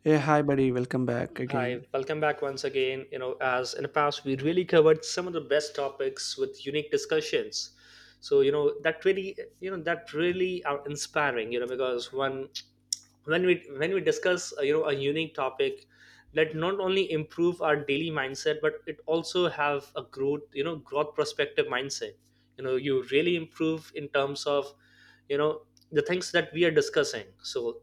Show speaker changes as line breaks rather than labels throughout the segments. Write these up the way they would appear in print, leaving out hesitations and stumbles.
Hey, hi, buddy. Welcome back
Hi,
again.
welcome back once again. As in the past, we really covered some of the best topics with unique discussions. So that really are inspiring. Because when when we discuss a unique topic, that not only improve our daily mindset, but it also have a growth perspective mindset. You really improve in terms of the things that we are discussing. So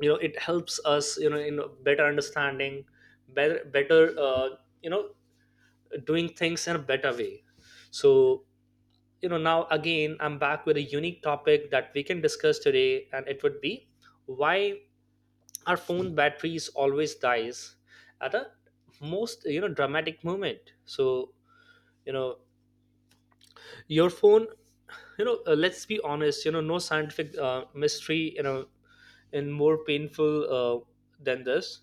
you know it helps us in better understanding, better you know doing things in a better way so Now again, I'm back with a unique topic that we can discuss today, and it would be why our phone batteries always dies at a most dramatic moment. So you know your phone, let's be honest, no scientific mystery, and more painful than this.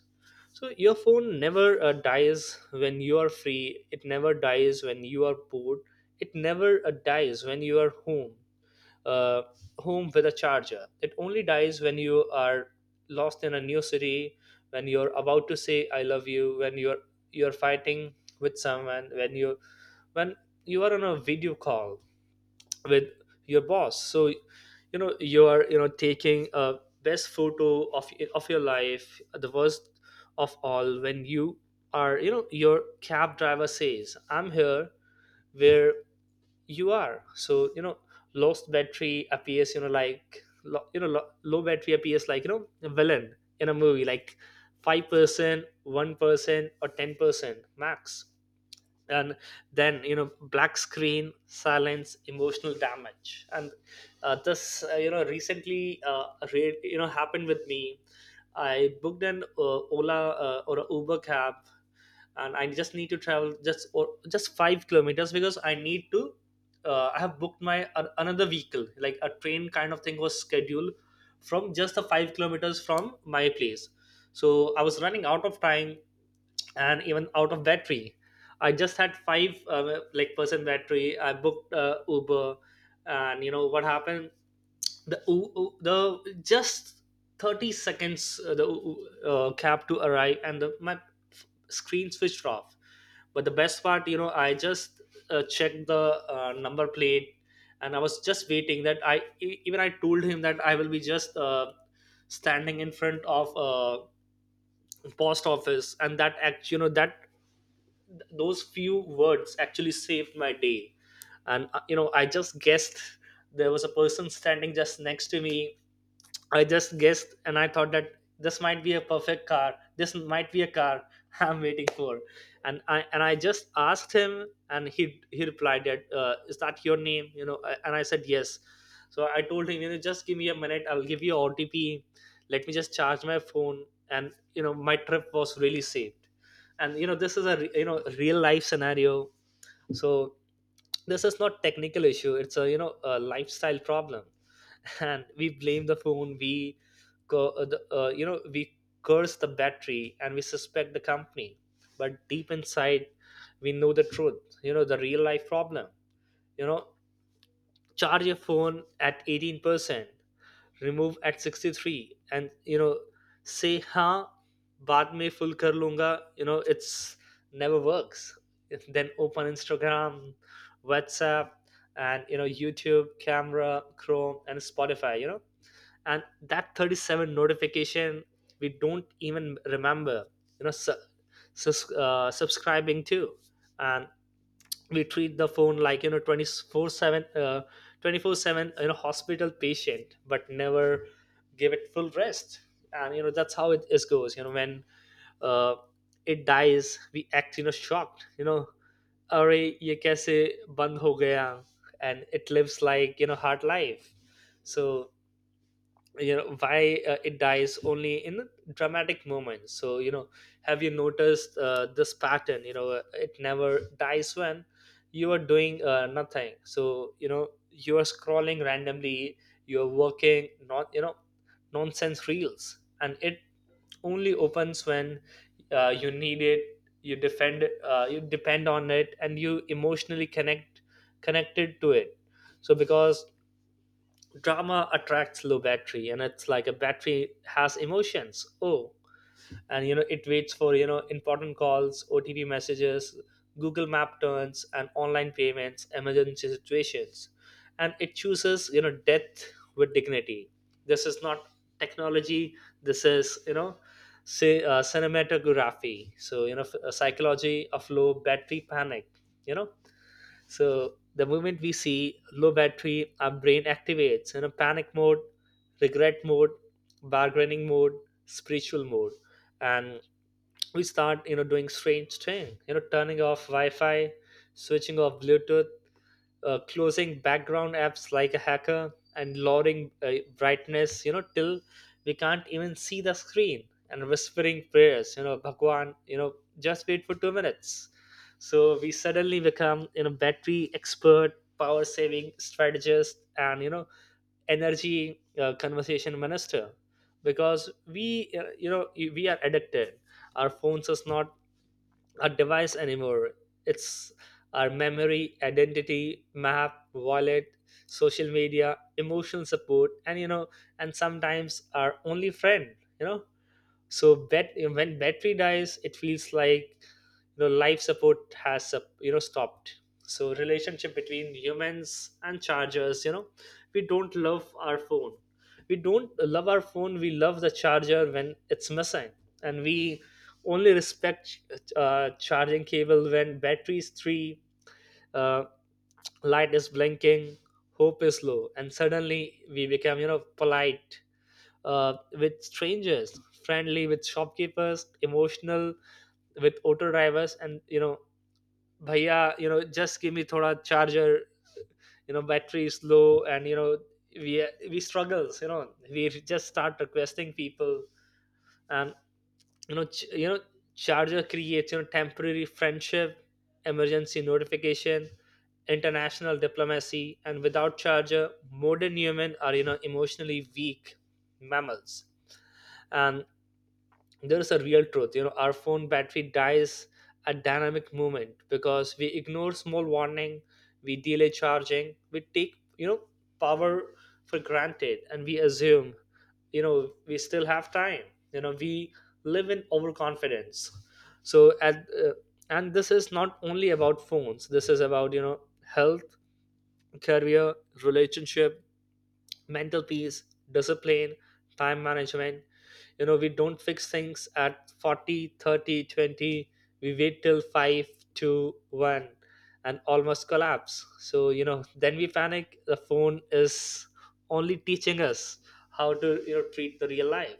So your phone never dies when you are free. It never dies when you are bored. It never dies when you are uh, home with a charger. It only dies when you are lost in a new city, when you're about to say "I love you," when you're fighting with someone, when when you are on a video call with your boss. So you are, taking a best photo of your life. The worst of all, when you are you know your cab driver says, "I'm here. Where you are?" So you know lost battery appears you know like lo- you know lo- low battery appears like, a villain in a movie, like 5%, 1%, or 10% max. And then, black screen, silence, emotional damage. And this recently happened with me. I booked an Ola, or a Uber cab, and I just need to travel just 5 kilometers because I need to I have booked my an another vehicle, like a train kind of thing was scheduled from just the 5 kilometers from my place. So I was running out of time, and even out of battery. I just had five percent battery. I booked Uber. And you know what happened? The just 30 seconds the U- U- cab to arrive, and my screen switched off. But the best part, I just checked the number plate. And I was just waiting that, even I told him that I will be just standing in front of a post office. And that those few words actually saved my day. And I just guessed there was a person standing just next to me. I just guessed and I thought that this might be a perfect car. This might be a car I'm waiting for. And I just asked him, and he replied that "Is that your name?" And I said yes. So I told him, just give me a minute. I'll give you OTP. Let me just charge my phone. And my trip was really saved. And this is a real life scenario. So this is not technical issue, it's a you know a lifestyle problem. And we blame the phone. We co- uh, the, uh, you know we curse the battery, and we suspect the company. But deep inside we know the truth, the real life problem you know Charge your phone at 18%, remove at 63, and say, "Ha baad mein full kar lunga." It's never works. Then open Instagram, WhatsApp, and YouTube, camera, Chrome, and Spotify. And that 37 notification, we don't even remember you know su- subscribing to. And we treat the phone like, 24 7 hospital patient, but never give it full rest. And that's how it is goes. When uh, it dies, we act shocked. अरे ये कैसे बंद हो गया. And it lives like, hard life. So why it dies only in the dramatic moments. So, have you noticed this pattern? It never dies when you are doing nothing. So you are scrolling randomly, you are working not, nonsense reels, and it only opens when you need it. You depend on it, and you emotionally connected to it. So because drama attracts low battery, and it's like a battery has emotions. Oh! And it waits for, important calls, OTP messages, Google Map turns, and online payments, emergency situations. And it chooses, death with dignity. This is not technology. This is, say, cinematography. So, psychology of low battery panic you know so the moment we see low battery, our brain activates in a panic mode, regret mode, bargaining mode, spiritual mode, and we start doing strange thing, turning off Wi-Fi, switching off Bluetooth, closing background apps like a hacker, and lowering brightness, till we can't even see the screen. And whispering prayers, bhagwan, just wait for 2 minutes. So we suddenly become, battery expert, power saving strategist, and energy conversation minister, because we you know we are addicted. Our phones is not a device anymore. It's our memory, identity, map, wallet, social media, emotional support, and sometimes our only friend. So bet when battery dies, it feels like, life support has stopped. So relationship between humans and chargers. we don't love our phone we don't love our phone. We love the charger when it's missing. And we only respect charging cable when battery is 3, uh, light is blinking, hope is low, and suddenly we become polite, with strangers, friendly with shopkeepers, emotional with auto drivers, and bhaiya, just give me thoda charger. Battery is low, and we struggles. We just start requesting people, and you know, ch- you know, charger creates, temporary friendship, emergency notification, international diplomacy, and without charger, modern human are, emotionally weak mammals. And there is a real truth, our phone battery dies at dynamic moment because we ignore small warning. We delay charging, we take power for granted, and we assume we still have time. We live in overconfidence. So at uh, and this is not only about phones, this is about, health, career, relationship, mental peace, discipline, time management. We don't fix things at 40, 30, 20. We wait till five, two, one, and almost collapse. So then we panic. The phone is only teaching us how to, treat the real life.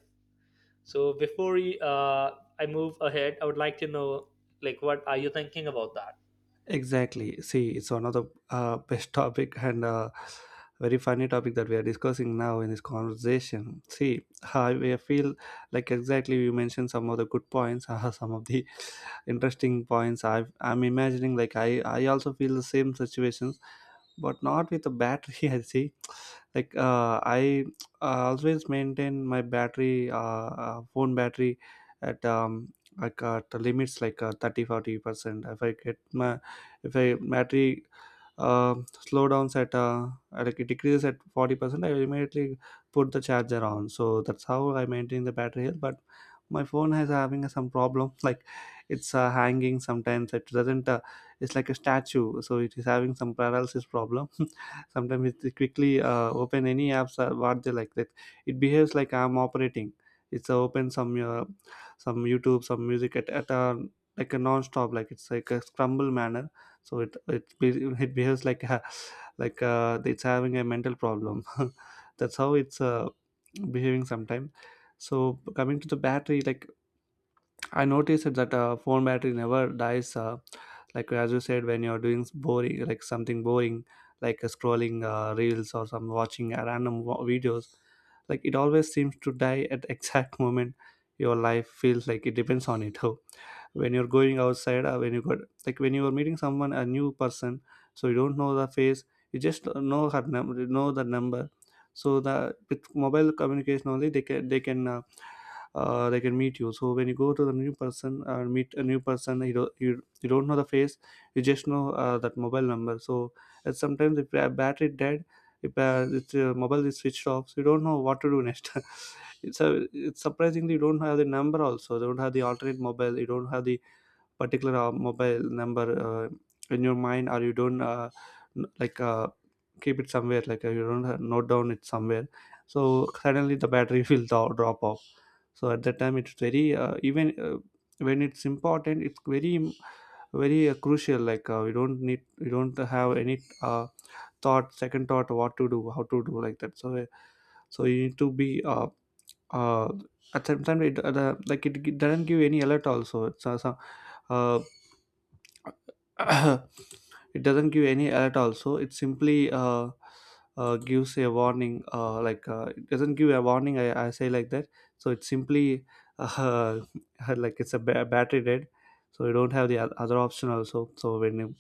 So, before I move ahead, I would like to know, like, what are you thinking about that?
Exactly. See, it's one of the best topic and very funny topic that we are discussing now in this conversation. See, I feel like exactly you mentioned some of the good points, some of the interesting points. I'm imagining like I also feel the same situation but not with a battery. I see like I always maintain my battery phone battery at like at the limits, like 30 40 percent. If I get my if I battery uh, slow downs at like it decreases at 40%, I will immediately put the charger on. So that's how I maintain the battery health, but my phone has having some problem. Like it's hanging sometimes, it doesn't it's like a statue, so it is having some paralysis problem. Sometimes it quickly open any apps or what they like that, it behaves like I'm operating. It's open some YouTube, some music at a like a non-stop, like it's like a scramble manner. So it behaves like like it's having a mental problem. That's how it's behaving sometimes. So coming to the battery, like I noticed that phone battery never dies. Like as you said, when you're doing boring, like something boring, like scrolling reels or some watching random videos, like it always seems to die at exact moment. Your life feels like it depends on it. When you're going outside, when you got like when you are meeting someone, a new person, so you don't know the face, you just know her know the number. So the, with mobile communication only, they can. They can meet you. So when you go to the new person or meet a new person, you you don't know the face, you just know that mobile number. So, and sometimes if battery dead, if mobile is switched off, so you don't know what to do next. It's a it's surprisingly, you don't have the number also, you don't have the alternate mobile, you don't have the particular mobile number in your mind, or you don't like keep it somewhere like you don't have note down it somewhere. So suddenly the battery will drop off. So at that time it's very even when it's important, it's very crucial, like you don't need you don't have any thought, second thought, what to do, how to do, like that. So so you need to be uh, at some time it like it doesn't give any alert also. It's uh, it doesn't give any alert also, it simply gives a warning, like it doesn't give a warning, I say like that. So it's simply uh, like it's a battery dead. So you don't have the other option also. So when you,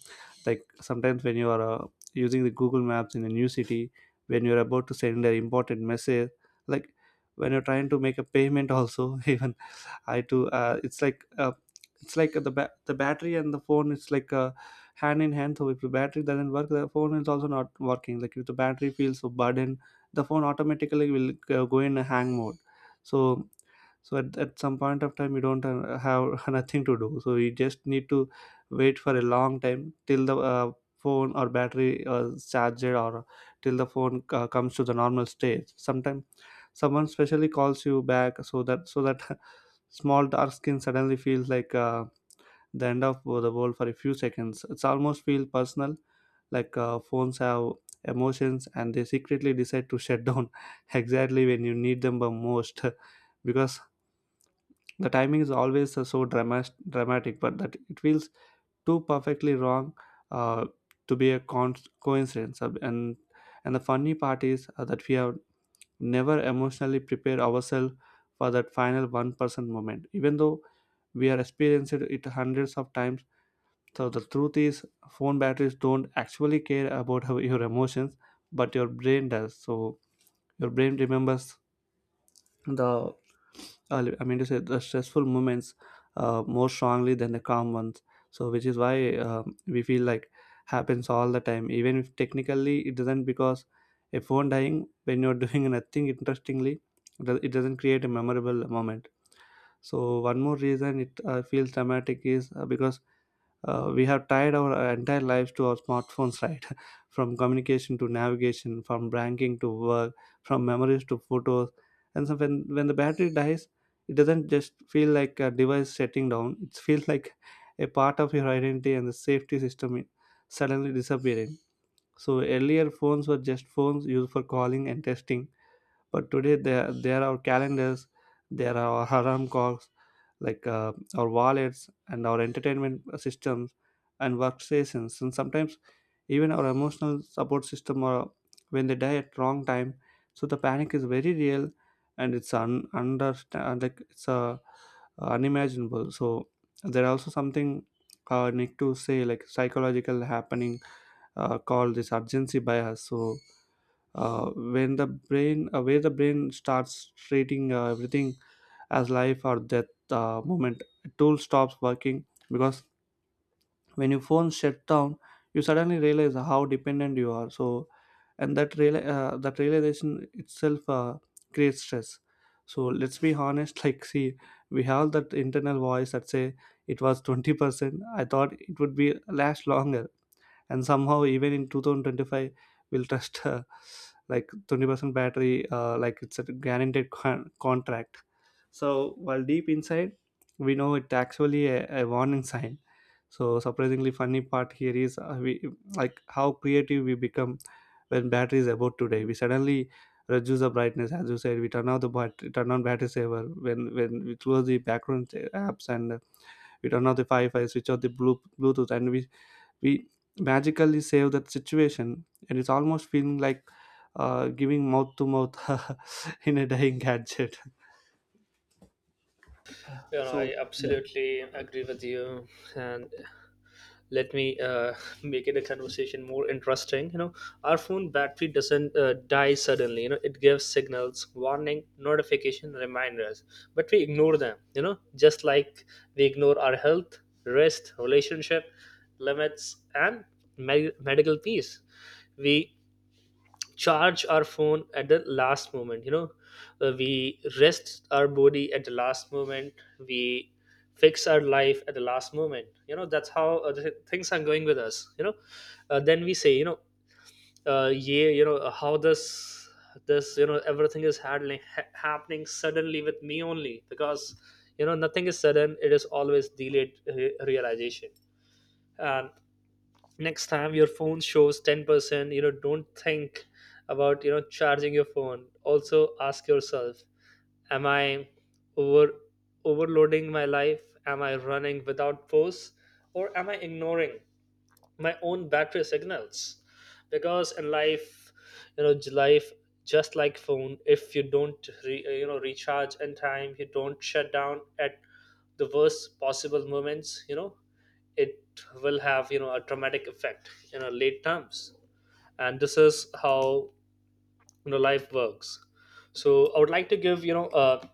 like sometimes when you are using the Google Maps in a new city, when you're about to send an important message, like when you're trying to make a payment also, even I do. It's like it's like the battery and the phone, it's like hand in hand. So if the battery doesn't work, the phone is also not working. Like if the battery feels so burden, the phone automatically will go in a hang mode. So so at some point of time, you don't have nothing to do. So you just need to wait for a long time till the phone or battery charged, or till the phone comes to the normal state. Sometimes someone specially calls you back, so that small dark skin suddenly feels like the end of the world. For a few seconds, it's almost feel personal, like phones have emotions and they secretly decide to shut down exactly when you need them the most. Because the timing is always so dramatic, but that it feels too perfectly wrong uh, to be a coincidence. And and the funny part is that we have never emotionally prepare ourselves for that final 1% moment, even though we are experienced it hundreds of times. So the truth is, phone batteries don't actually care about how your emotions, but your brain does. So your brain remembers the I mean to say the stressful moments more strongly than the calm ones. So which is why we feel like happens all the time, even if technically it doesn't, because a phone dying when you're doing nothing, interestingly, it doesn't create a memorable moment. So one more reason it feels dramatic is because we have tied our entire lives to our smartphones, right? From communication to navigation, from banking to work, from memories to photos. And so when the battery dies, it doesn't just feel like a device shutting down, it feels like a part of your identity and the safety system suddenly disappearing. So earlier phones were just phones used for calling and texting, but today there are calendars, there are our alarm clocks, like our wallets and our entertainment systems and workstations, and sometimes even our emotional support system, or when they die at wrong time. So the panic is very real, and it's un- under like it's unimaginable. So there are also something need to say, like psychological happening called this urgency bias. So when the brain where the brain starts treating everything as life or death moment, a tool stops working, because when your phone shut down, you suddenly realize how dependent you are. So and that that realization itself creates stress. So let's be honest. Like, see, we have that internal voice that say it was 20%, I thought it would be last longer, and somehow even in 2025 we'll trust like 20% battery, like it's a guaranteed contract. So while deep inside we know it's actually a warning sign. So surprisingly, funny part here is we like how creative we become when battery is about today. We suddenly reduce the brightness, as you said, we turn off the turn on battery saver, when we close the background apps and we turn off the Wi-Fi, switch off the Bluetooth, and we magically save that situation, and it's almost feeling like giving mouth to mouth in a dying gadget.
You know,
So
I
yeah.
absolutely agree with you. And let me make it a conversation more interesting. Our phone battery doesn't die suddenly. It gives signals, warning, notification, reminders, but we ignore them, just like we ignore our health, rest, relationship, limits, and medical peace. We charge our phone at the last moment. We rest our body at the last moment. We fix our life at the last moment. That's how the things are going with us. Then we say, yeah, how this, everything is handling, happening suddenly with me only because nothing is sudden. It is always delayed realization. And next time your phone shows 10%, don't think about charging your phone. Also ask yourself, am I over overloading my life? Am I running without pause? Or am I ignoring my own battery signals? Because in life, life, just like phone, if you don't re, you know recharge in time, you don't shut down at the worst possible moments. It will have a dramatic effect in our late terms. And this is how life works. So I would like to give a,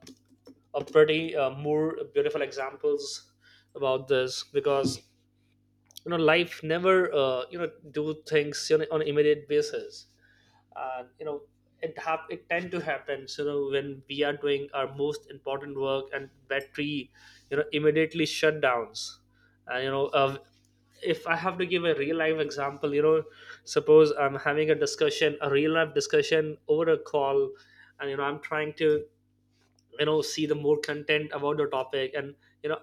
a pretty more beautiful examples about this because life never do things, on an immediate basis. And it tend to happen. So, when we are doing our most important work, and battery, immediately shutdowns. And if I have to give a real life example, suppose I'm having a discussion, a real life discussion, over a call, and I'm trying to see the more content about the topic, and you know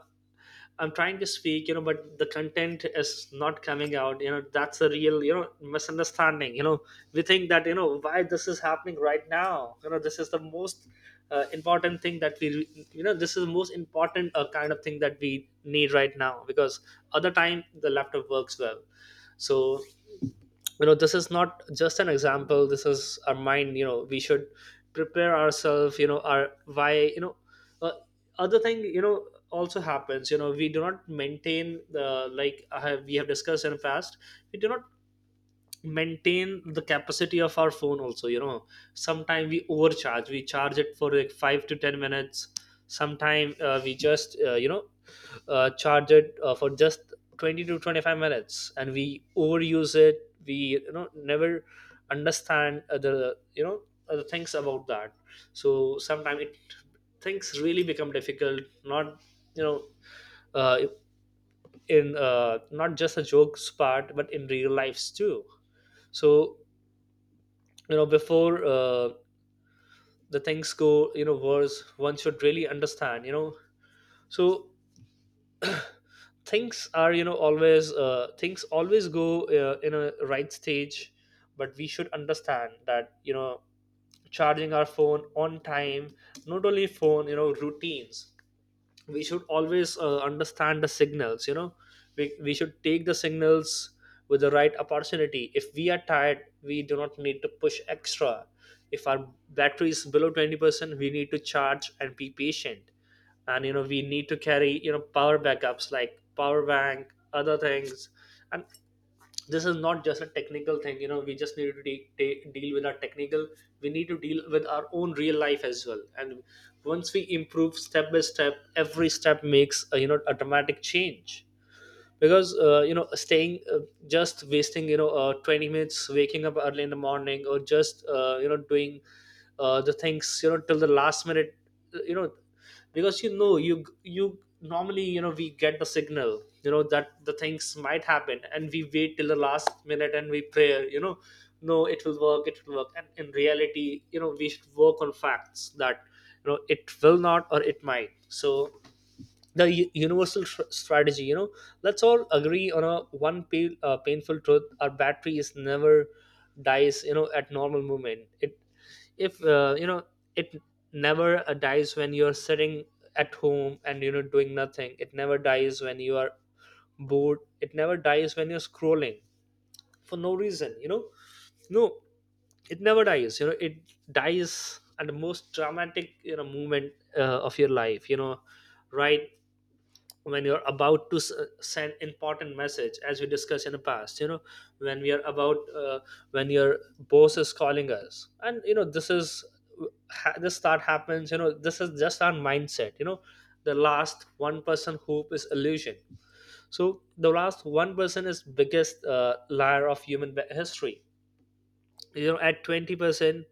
I'm trying to speak, but the content is not coming out. That's a real, misunderstanding. We think that, why this is happening right now. This is the most important thing that we, this is the most important kind of thing that we need right now, because other time the laptop works well. So this is not just an example, this is our mind. We should prepare ourselves, our why. uh, Other thing also happens. We do not maintain the, like I have, we have discussed in the past, we do not maintain the capacity of our phone also. Sometimes we overcharge, we charge it for like 5 to 10 minutes. Sometime we just charge it for just 20 to 25 minutes, and we overuse it, we never understand the other things about that. So sometimes it things really become difficult, not you know uh, in not just a jokes part but in real lives too. So before the things go worse, one should really understand. So things are you know always things always go in a right stage. But we should understand that. Charging our phone on time, not only phone, routines, we should always understand the signals. We should take the signals with the right opportunity. If we are tired, we do not need to push extra. If our battery is below 20%, we need to charge and be patient. And we need to carry power backups like power bank, other things. And this is not just a technical thing. We just need to deal with our technical. We need to deal with our own real life as well. And once we improve step by step, every step makes a dramatic change. Because staying just wasting 20 minutes, waking up early in the morning, or just doing the things till the last minute uh, you know because you normally, we get the signal that the things might happen, and we wait till the last minute, and we pray. No, it will work, it will work. And in reality, we should work on facts that, it will not or it might. So the universal strategy, let's all agree on a one painful truth: our battery is never dies, at normal movement. It if uh, you know it never dies when you're sitting at home and doing nothing. It never dies when you are bored. It never dies when you're scrolling for no reason, no, it never dies. It dies at the most dramatic moment of your life, right when you're about to send important message, as we discussed in the past. When we are about uh, when your boss is calling us and this is this thought happens. This is just our mindset. The last one person hope is illusion. So the last 1% is biggest liar of human history. At 20%,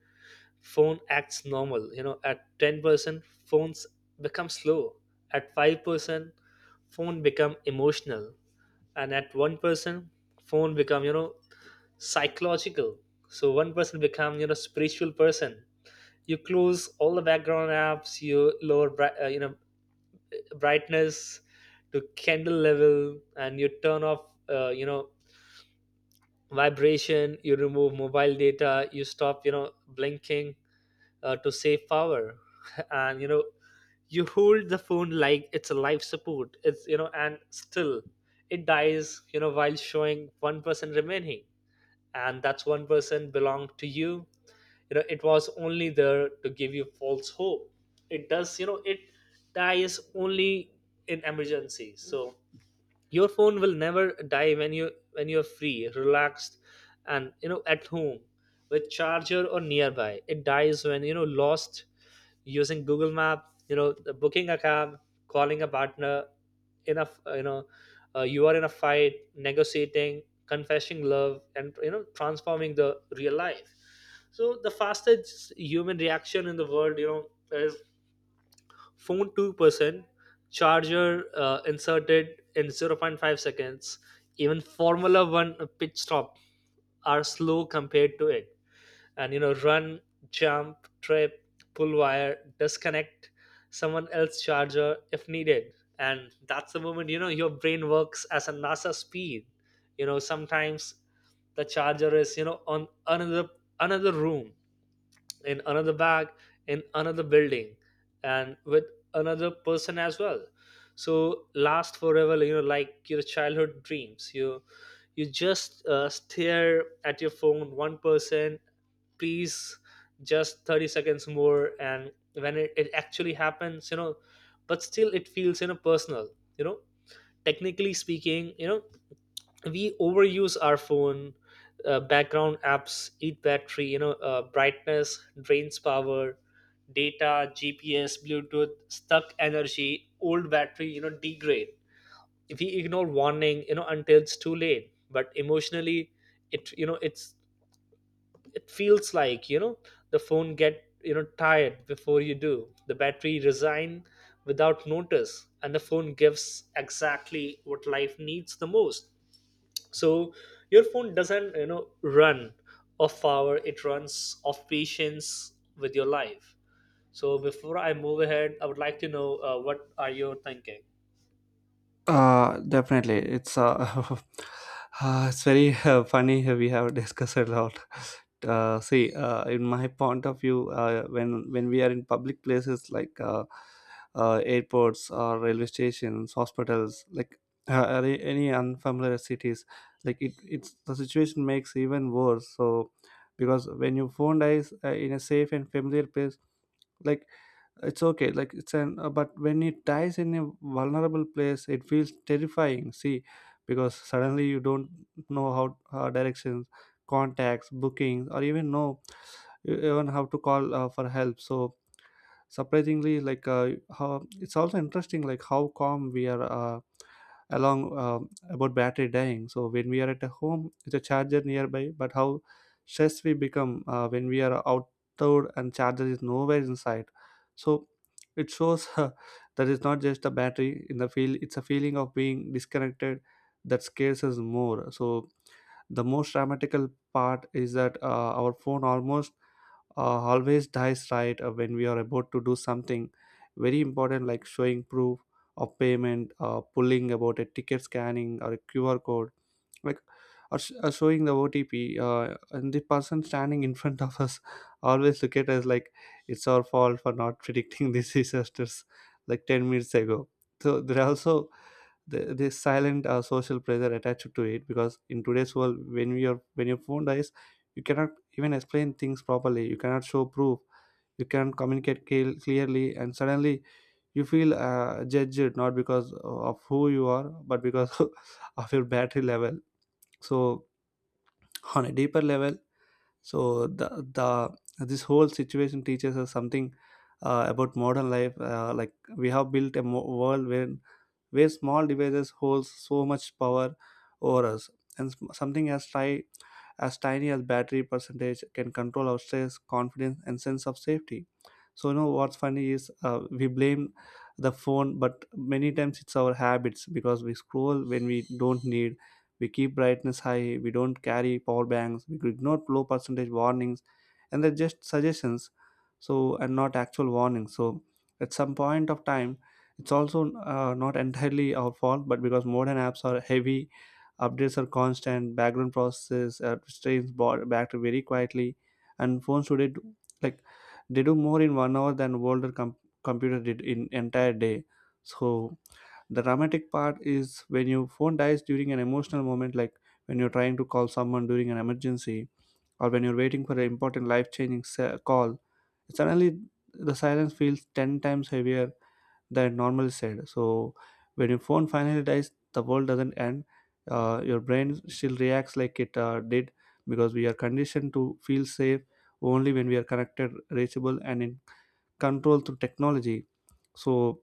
phone acts normal. At 10%, phones become slow. At 5%, phone become emotional. And at one person, phone become, psychological. So one person become, spiritual person. You close all the background apps, you lower brightness to candle level, and you turn off vibration. You remove mobile data, you stop blinking, to save power. And you hold the phone like it's a life support, it's you know and still it dies while showing one person remaining. And that's 1% belonged to you you know It was only there to give you false hope. It does you know it dies only in emergency. So your phone will never die when you when you're free, relaxed, and at home with charger or nearby. It dies when lost using Google Map, booking a cab, calling a partner, in a you know you are in a fight, negotiating, confessing love, and transforming the real life. So the fastest human reaction in the world is phone 2%, charger inserted in zero point 0.5 seconds. Even Formula 1 pit stop are slow compared to it. And run, jump, trip, pull wire, disconnect someone else charger if needed. And that's the moment your brain works as a NASA speed. Sometimes the charger is, on another room, in another bag, in another building, and with another person as well. So last forever, like your childhood dreams. You just stare at your phone, one person, please, just 30 seconds more. And when it actually happens, but still it feels, personal you know Technically speaking, we overuse our phone. Background apps eat battery, brightness drains power, data, GPS, Bluetooth stuck energy, old battery degrade. If we ignore warning, until it's too late. But emotionally, it you know it's it feels like, the phone get, tired before you do. The battery resign without notice, and the phone gives exactly what life needs the most. So your phone doesn't, run off power, it runs off patience with your life. So before I move ahead, I would like to know what are you thinking.
Definitely, it's uh, it's very funny. We have discussed a lot. In my point of view, when we are in public places like airports or railway stations, hospitals, like are there any unfamiliar cities, like it's the situation makes even worse. So because when you phone dies in a safe and familiar place, like it's okay, like it's an but when it dies in a vulnerable place, it feels terrifying. See, because suddenly you don't know how directions, contacts, bookings, or even know even how to call for help. So surprisingly, like how it's also interesting, like how calm we are along about battery dying. So when we are at a home, it's a charger nearby, but how stressed we become when we are outdoor and charger is nowhere in sight. So it shows that it's not just a battery in the field, it's a feeling of being disconnected that scares us more. So the most dramatical part is that our phone almost always dies right when we are about to do something very important, like showing proof of payment, pulling about a ticket, scanning or a QR code, like or showing the OTP, and the person standing in front of us always look at us like it's our fault for not predicting these disasters like 10 minutes ago. So there are also the silent social pressure attached to it, because in today's world, when we are when your phone dies, you cannot even explain things properly, you cannot show proof, you cannot communicate clearly, and suddenly you feel judged, not because of who you are, but because of your battery level. So on a deeper level, so the this whole situation teaches us something about modern life, like we have built a world where Small devices holds so much power over us, and something as try as tiny as battery percentage can control our stress, confidence and sense of safety. So you know what's funny is we blame the phone, but many times it's our habits, because we scroll when we don't need, we keep brightness high, we don't carry power banks, we ignore low percentage warnings and they're just suggestions, so and not actual warnings. So at some point of time, it's also not entirely our fault, but because modern apps are heavy, updates are constant, background processes, strains bought back to very quietly, and phones today do, like they do more in 1 hour than older computer did in entire day. So the dramatic part is when your phone dies during an emotional moment, like when you're trying to call someone during an emergency, or when you're waiting for an important life-changing call. Suddenly, the silence feels ten times heavier than normal said. So when your phone finally dies, the world doesn't end. Your brain still reacts like it did, because we are conditioned to feel safe only when we are connected, reachable, and in control through technology. So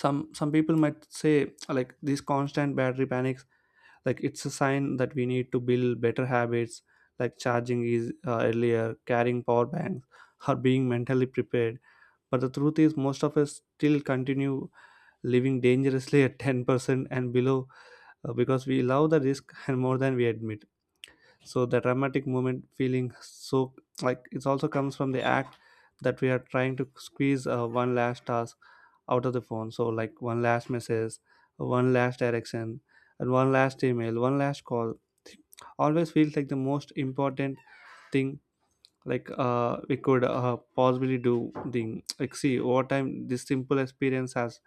some people might say, like, these constant battery panics, like, it's a sign that we need to build better habits, like charging is earlier, carrying power banks, or being mentally prepared. But the truth is most of us still continue living dangerously at 10% and below, because we love the risk and more than we admit. So the dramatic moment feeling, so like it also comes from the act that we are trying to squeeze one last task out of the phone. So like one last message, one last direction, and one last email, one last call always feels like the most important thing, like we could possibly do. The like, see, over time this simple experience has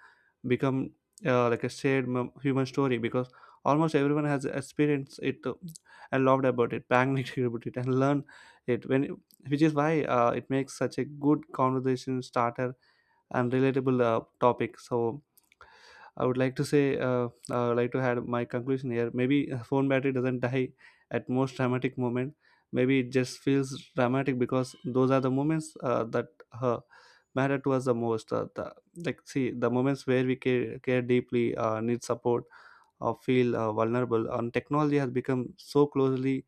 become like a shared human story, because almost everyone has experienced it, and loved about it, panicked about it, and learned it when, which is why it makes such a good conversation starter and relatable topic. So I would like to say, I would like to add my conclusion here. Maybe a phone battery doesn't die at most dramatic moment. Maybe it just feels dramatic because those are the moments that uh, matter to us the most. The, like, see, the moments where we care deeply, need support, or feel vulnerable, and technology has become so closely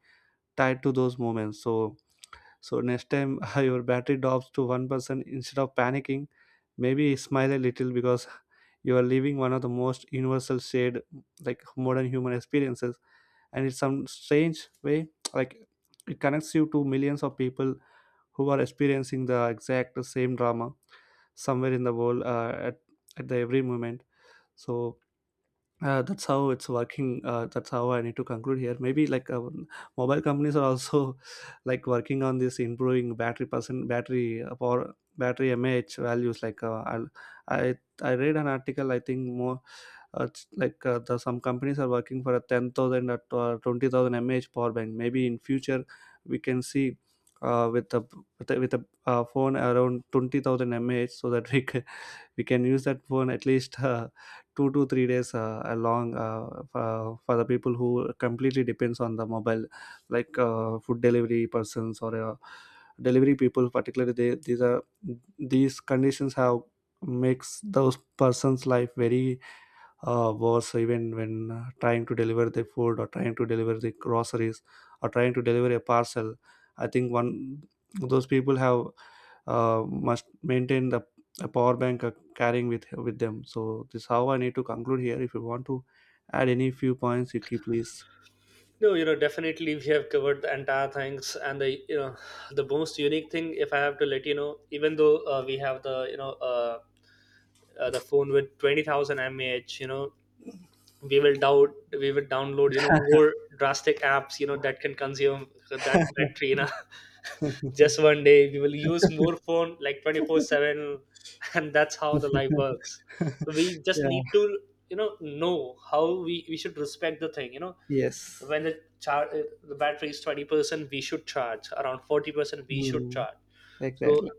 tied to those moments. So next time your battery drops to 1%, instead of panicking, maybe smile a little, because you are living one of the most universal shared, like, modern human experiences, and it's some strange way, like, it connects you to millions of people who are experiencing the exact same drama somewhere in the world, at the every moment. So that's how it's working. That's how I need to conclude here. Maybe, like, mobile companies are also like working on this, improving battery percent, battery power, battery mAh values, like i I read an article, I think more, it's like some companies are working for a 10,000 or 20,000 mAh power bank. Maybe in future we can see with a phone around 20,000 mAh, so that we can use that phone at least 2 to 3 days along, for the people who completely depends on the mobile, like food delivery persons, or delivery people particularly. These are these conditions have makes those persons life very was, even when trying to deliver the food, or trying to deliver the groceries, or trying to deliver a parcel. I think one, those people have must maintain the a power bank, carrying with them. So this how I need to conclude here. If you want to add any few points, you keep please.
No, definitely we have covered the entire things, and the you know the most unique thing, if I have to let you know, even though we have the you know the phone with 20,000 mAh, we will download, more drastic apps that can consume that battery, just one day we will use more phone like 24/7. And that's how the life works. So we just
Yeah.
need to, know how we should respect the thing.
Yes.
When the the battery is 20%, we should charge. Around 40%, we should
Hmm.
charge. So
Exactly.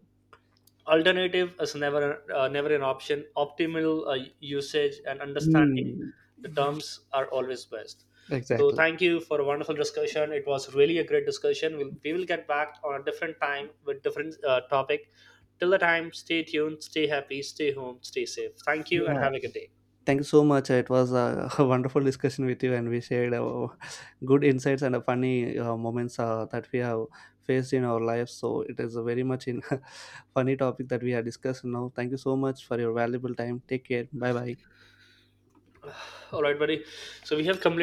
alternative is never an option. Optimal usage and understanding
Hmm.
the terms are always best. So
Exactly.
thank you for a wonderful discussion. It was really a great discussion. We will get back on a different time with different topic. Till the time, stay tuned, stay happy, stay home, stay safe. Thank you and
Yeah.
have a good day.
Thank you so much. It was a, a wonderful discussion with you, and we shared good insights and funny moments that we have faced in our lives. So it is a very much in funny topic that we have discussed now. Thank you so much for your valuable time. Take care. Bye bye.
All right, buddy. So we have completed